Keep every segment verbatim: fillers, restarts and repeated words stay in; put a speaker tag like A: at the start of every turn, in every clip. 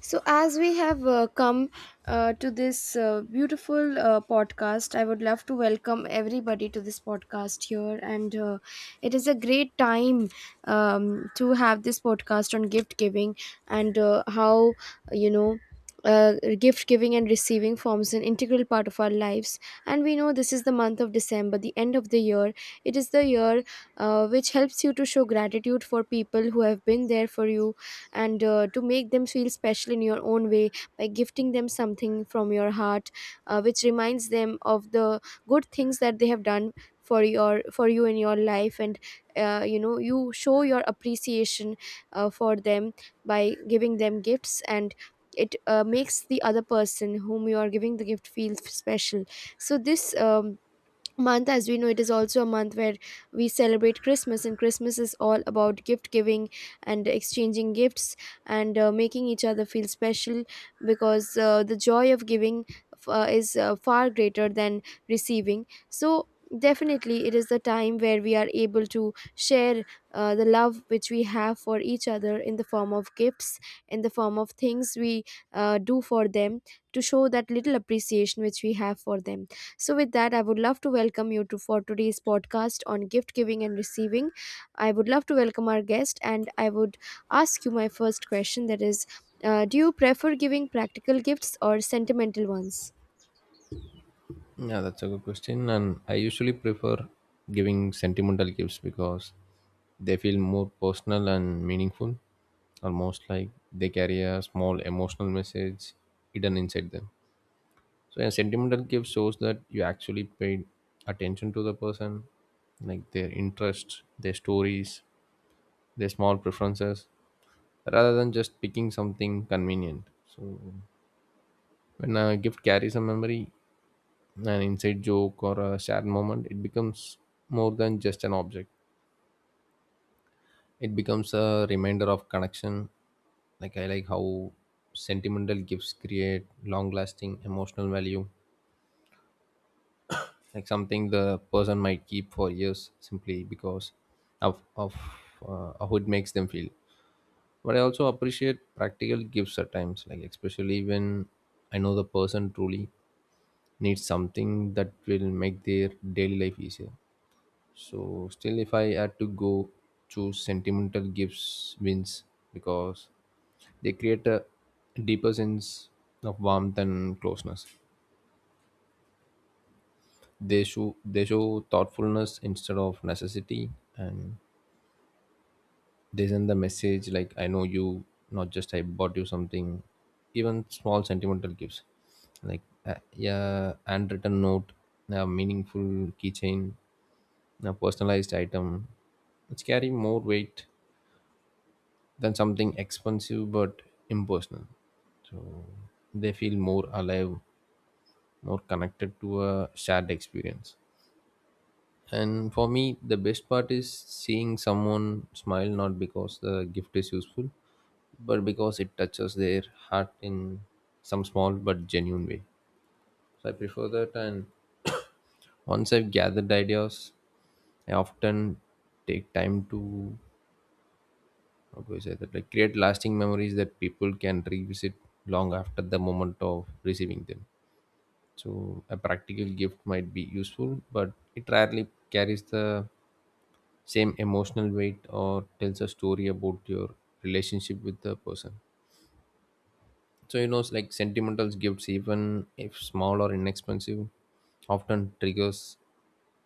A: So, as we have uh, come uh, to this uh, beautiful uh, podcast, I would love to welcome everybody to this podcast here. And uh, it is a great time um, to have this podcast on gift giving and uh, how, you know, uh, gift giving and receiving forms an integral part of our lives. And we know this is the month of December, the end of the year. It is the year uh, which helps you to show gratitude for people who have been there for you and uh, to make them feel special in your own way by gifting them something from your heart uh, which reminds them of the good things that they have done for your for you in your life, and uh, you know you show your appreciation uh, for them by giving them gifts, and it uh, makes the other person whom you are giving the gift feel special. So this um, month, as we know, it is also a month where we celebrate Christmas, and Christmas is all about gift giving and exchanging gifts and uh, making each other feel special, because uh, the joy of giving uh, is uh, far greater than receiving. So definitely it is the time where we are able to share uh, the love which we have for each other in the form of gifts, in the form of things we uh, do for them, to show that little appreciation which we have for them. So, with that, I would love to welcome you to for today's podcast on gift giving and receiving. I would love to welcome our guest, and I would ask you my first question. That is, uh, do you prefer giving practical gifts or sentimental ones?
B: Yeah, that's a good question. And I usually prefer giving sentimental gifts because they feel more personal and meaningful, almost like they carry a small emotional message hidden inside them. So, a sentimental gift shows that you actually paid attention to the person, like their interests, their stories, their small preferences, rather than just picking something convenient. So, when a gift carries a memory, an inside joke or a shared moment, it becomes more than just an object. It becomes a reminder of connection. Like I like how sentimental gifts create long lasting emotional value. Like something the person might keep for years simply because of, of uh, how it makes them feel. But I also appreciate practical gifts at times, like especially when I know the person truly needs something that will make their daily life easier. So still, if I had to go, choose sentimental gifts wins because they create a deeper sense of warmth and closeness. They show they show thoughtfulness instead of necessity, and they send the message like I know you, not just I bought you something. Even small sentimental gifts, like uh, yeah, handwritten note, a meaningful keychain, a personalized item, it's carry more weight than something expensive but impersonal. They feel more alive, more connected to a shared experience. And for me, the best part is seeing someone smile not because the gift is useful, but because it touches their heart in some small but genuine way. So I prefer that. And once I've gathered ideas, I often take time to how do I say that like create lasting memories that people can revisit long after the moment of receiving them. So a practical gift might be useful but it rarely carries the same emotional weight or tells a story about your relationship with the person. So you know it's like sentimental gifts even if small or inexpensive often triggers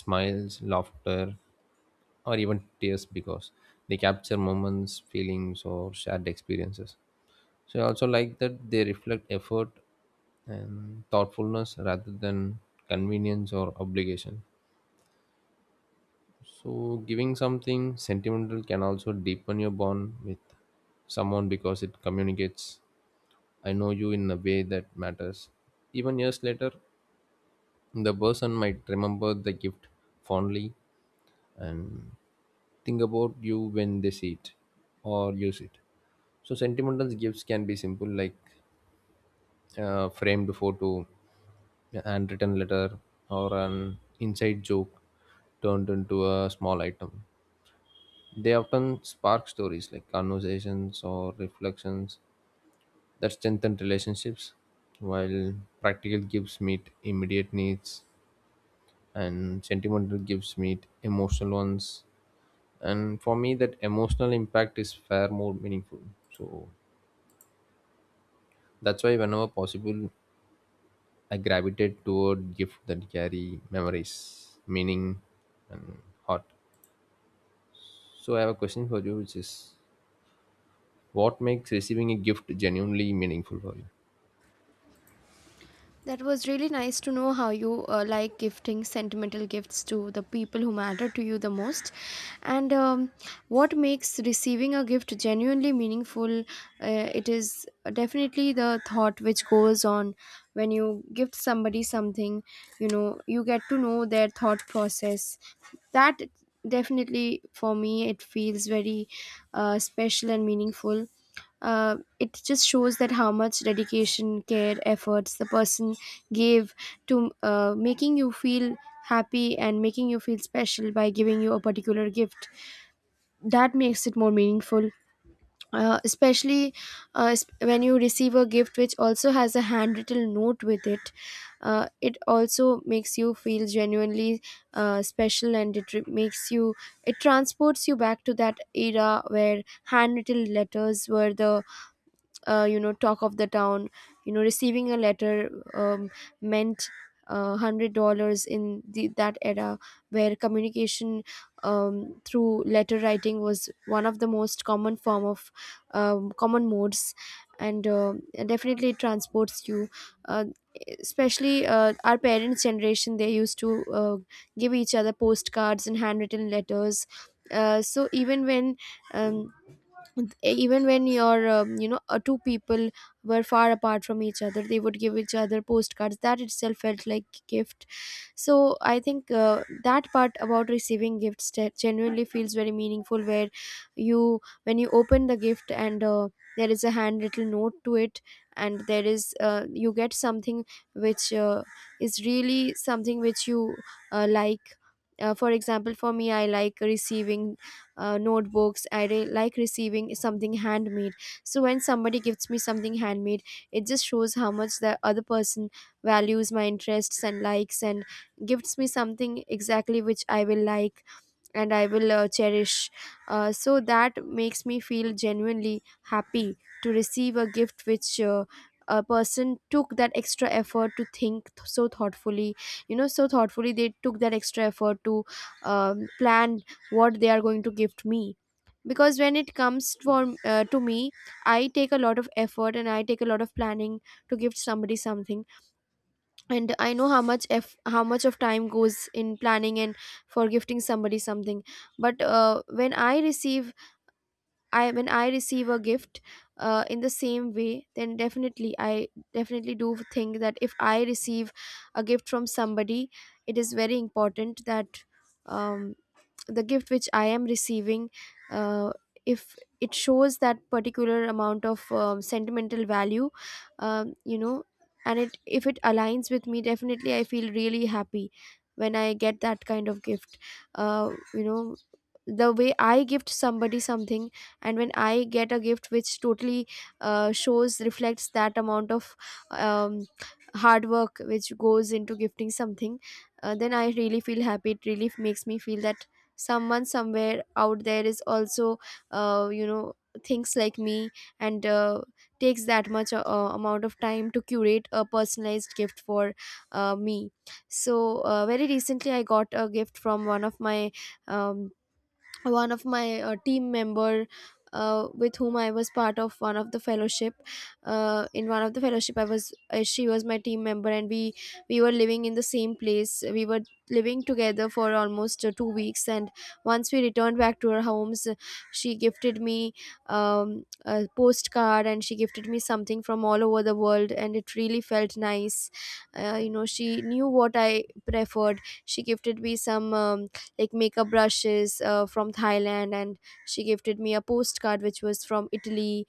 B: smiles laughter or even tears because they capture moments feelings or shared experiences. So I also like that they reflect effort and thoughtfulness rather than convenience or obligation. So giving something sentimental can also deepen your bond with someone because it communicates I know you in a way that matters. Even years later, the person might remember the gift fondly and think about you when they see it or use it. So sentimental gifts can be simple like uh, framed photo, a handwritten letter, or an inside joke turned into a small item. They often spark stories like conversations or reflections that strengthen relationships, while practical gifts meet immediate needs and sentimental gifts meet emotional ones. And for me, that emotional impact is far more meaningful. So that's why, whenever possible, I gravitate toward gifts that carry memories, meaning, and heart. So I have a question for you, which is, what makes receiving a gift genuinely meaningful for you?
A: That was really nice to know how you uh, like gifting sentimental gifts to the people who matter to you the most. And um, what makes receiving a gift genuinely meaningful? Uh, it is definitely the thought which goes on when you gift somebody something. You know, you get to know their thought process. That, definitely, for me, it feels very uh, special and meaningful. Uh, it just shows that how much dedication, care, efforts the person gave to uh, making you feel happy and making you feel special by giving you a particular gift, that makes it more meaningful. Uh, especially uh, s- when you receive a gift which also has a handwritten note with it, uh, it also makes you feel genuinely uh, special. And it re- makes you, it transports you back to that era where handwritten letters were the uh, you know talk of the town. you know receiving a letter um, meant uh, hundred dollars in the, that era, where communication, um, through letter writing, was one of the most common form of um, common modes. And uh, definitely it transports you. uh, Especially uh, our parents generation, they used to uh, give each other postcards and handwritten letters. uh, so even when um, e, even when your um, you know uh, two people were far apart from each other, they would give each other postcards. That itself felt like gift. So I think uh, that part about receiving gifts te- genuinely feels very meaningful, where you when you open the gift, and uh, there is a handwritten note to it. And there is uh, you get something which uh, is really something which you uh, like. Uh, for example, for me, I like receiving uh, notebooks. I re- like receiving something handmade. So when somebody gives me something handmade, it just shows how much the other person values my interests and likes, and gives me something exactly which I will like and I will uh, cherish. Uh, so that makes me feel genuinely happy to receive a gift which uh, a person took that extra effort to think th- so thoughtfully. You know, so thoughtfully they took that extra effort to um, plan what they are going to gift me. Because when it comes for uh, to me, I take a lot of effort and I take a lot of planning to gift somebody something, and I know how much if how much of time goes in planning and for gifting somebody something. But uh, when i receive i when I receive a gift uh, in the same way, then definitely i definitely do think that if I receive a gift from somebody, it is very important that um, the gift which I am receiving, uh, if it shows that particular amount of um, sentimental value, um, you know and it if it aligns with me, definitely I feel really happy when I get that kind of gift. uh, you know the way I gift somebody something, and when I get a gift which totally uh, shows reflects that amount of um, hard work which goes into gifting something, uh, then I really feel happy. It really makes me feel that someone somewhere out there is also uh, you know thinks like me, and uh, takes that much uh, amount of time to curate a personalized gift for uh, me. So uh, very recently I got a gift from one of my um, one of my uh, team member uh, with whom I was part of one of the fellowship. Uh, in one of the fellowship, I was uh, she was my team member, and we we were living in the same place. We were living together for almost uh, two weeks, and once we returned back to our homes, uh, she gifted me um, a postcard, and she gifted me something from all over the world, and it really felt nice. Uh, you know, she knew what I preferred. She gifted me some. Um, like makeup brushes uh, from Thailand, and she gifted me a postcard which was from Italy,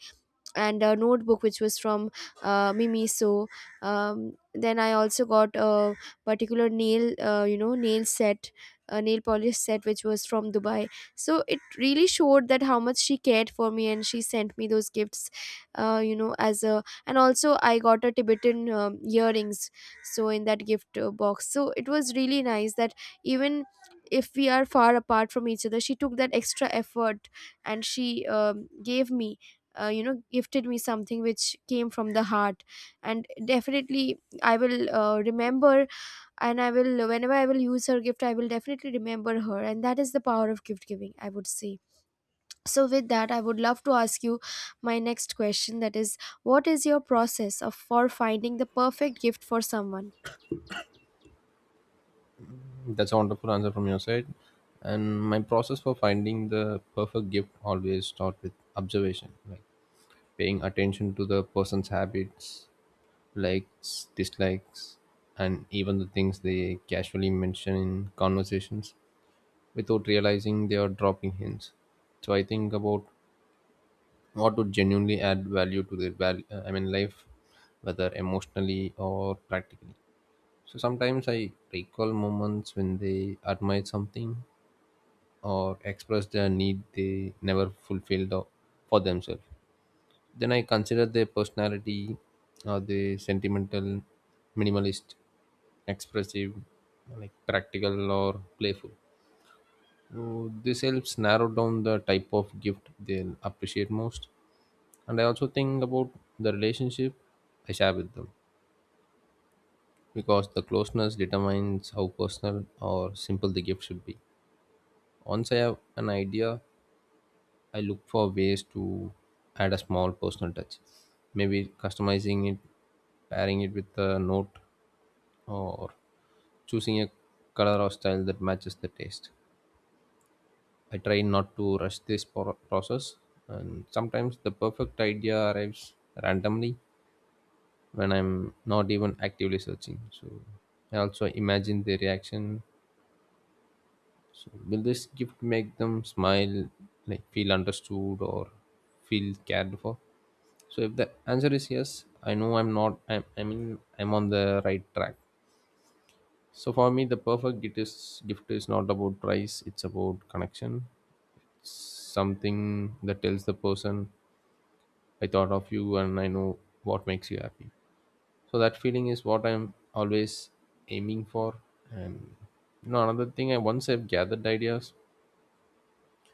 A: and a notebook which was from uh, Mimi. So um, then I also got a particular nail, uh, you know, nail set, a nail polish set which was from Dubai. So it really showed that how much she cared for me, and she sent me those gifts, uh, you know, as a and also I got a Tibetan um, earrings. So in that gift uh, box, so it was really nice that even if we are far apart from each other, she took that extra effort, and she um, gave me uh, you know gifted me something which came from the heart. And definitely I will uh, remember, and I will whenever I will use her gift, I will definitely remember her. And that is the power of gift giving, I would say. So with that, I would love to ask you my next question, that is, what is your process of for finding the perfect gift for someone?
B: That's a wonderful answer from your side. And my process for finding the perfect gift always start with observation, like paying attention to the person's habits, likes, dislikes, and even the things they casually mention in conversations without realizing they are dropping hints. So I think about what would genuinely add value to their value I mean life, whether emotionally or practically. So sometimes I recall moments when they admired something or expressed their need they never fulfilled or- for themselves. Then I consider their personality. Are they sentimental, minimalist, expressive, like practical or playful? So this helps narrow down the type of gift they'll appreciate most. And I also think about the relationship I share with them because the closeness determines how personal or simple the gift should be. Once I have an idea, I look for ways to add a small personal touch, maybe customizing it, pairing it with a note, or choosing a color or style that matches the taste. I try not to rush this pro- process, and sometimes the perfect idea arrives randomly when I'm not even actively searching. So I also imagine their reaction. So will this gift make them smile, like feel understood or feel cared for? So if the answer is yes, I know I'm not. I'm, I mean, I'm on the right track. So for me, the perfect gift is gift is not about price. It's about connection. Something that tells the person, "I thought of you, and I know what makes you happy." So that feeling is what I'm always aiming for. And you know, another thing, I once I've gathered ideas,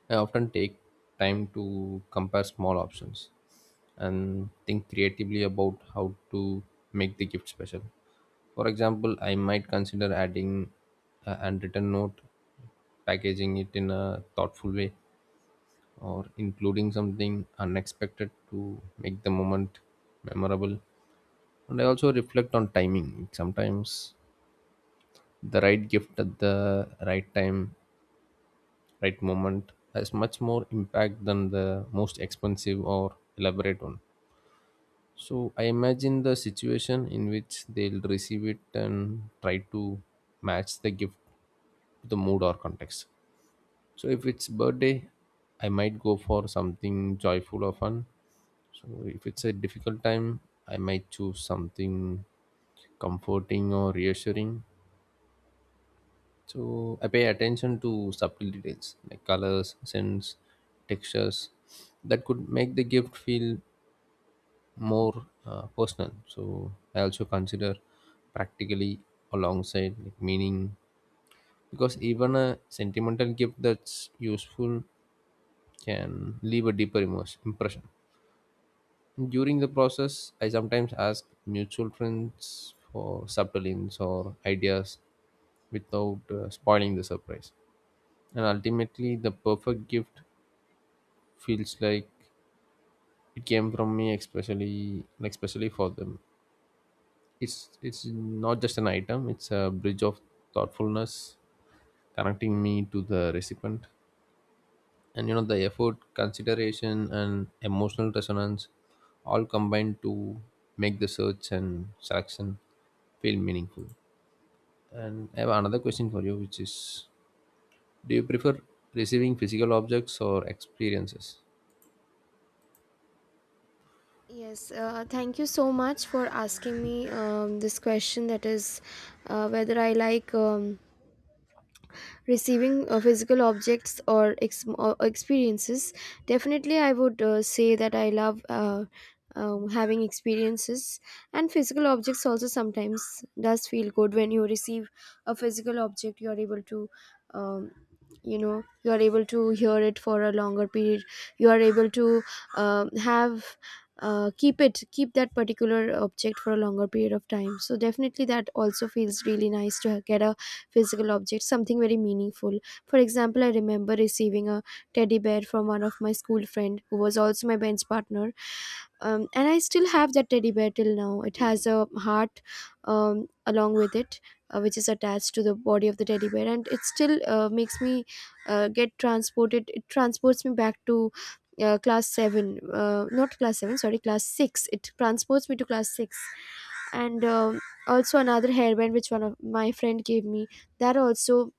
B: I often take time to compare small options and think creatively about how to make the gift special. For example, I might consider adding a handwritten note, packaging it in a thoughtful way, or including something unexpected to make the moment memorable. And I also reflect on timing sometimes. The right gift at the right time, right moment has much more impact than the most expensive or elaborate one. So I imagine the situation in which they'll receive it and try to match the gift to the mood or context. So if it's birthday, I might go for something joyful or fun. So if it's a difficult time, I might choose something comforting or reassuring. So I pay attention to subtle details like colors, scents, textures that could make the gift feel more uh, personal. So I also consider practically alongside like meaning because even a sentimental gift that's useful can leave a deeper immerse- impression. During the process, I sometimes ask mutual friends for subtle hints or ideas without uh, spoiling the surprise. And ultimately, the perfect gift feels like it came from me, especially like especially for them. It's it's not just an item; it's a bridge of thoughtfulness connecting me to the recipient. And you know, the effort, consideration, and emotional resonance all combined to make the search and selection feel meaningful. And I have another question for you, which is: Do you prefer receiving physical objects or experiences?
A: Yes, uh, thank you so much for asking me um, this question, that is, uh, whether I like um, receiving uh, physical objects or, ex- or experiences. Definitely I would uh, say that I love, uh, um, having experiences. And physical objects also sometimes does feel good. When you receive a physical object, you are able to um, you know you are able to hear it for a longer period. You are able to um, have uh, keep it keep that particular object for a longer period of time. So definitely that also feels really nice to ha- get a physical object, something very meaningful. For example, I remember receiving a teddy bear from one of my school friend who was also my bench partner, um, and I still have that teddy bear till now. It has a heart um, along with it, uh, which is attached to the body of the teddy bear, and it still uh, makes me uh, get transported. It transports me back to uh, class seven. Uh, not class seven, sorry, class six. It transports me to class six, and um also another hairband which one of my friend gave me, that also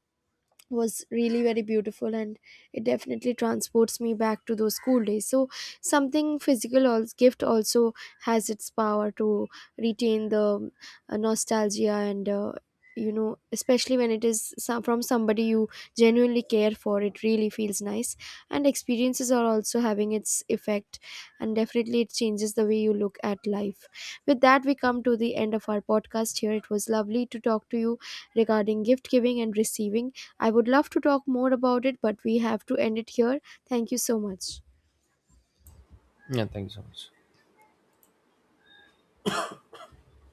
A: was really very beautiful, and it definitely transports me back to those school days. So something physical als gift also has its power to retain the uh, nostalgia, and uh, you know especially when it is some, from somebody you genuinely care for, it really feels nice. And experiences are also having its effect, and definitely it changes the way you look at life. With that, we come to the end of our podcast here. It was lovely to talk to you regarding gift giving and receiving. I would love to talk more about it, but we have to end it here. Thank you so much.
B: Yeah, thank you so much.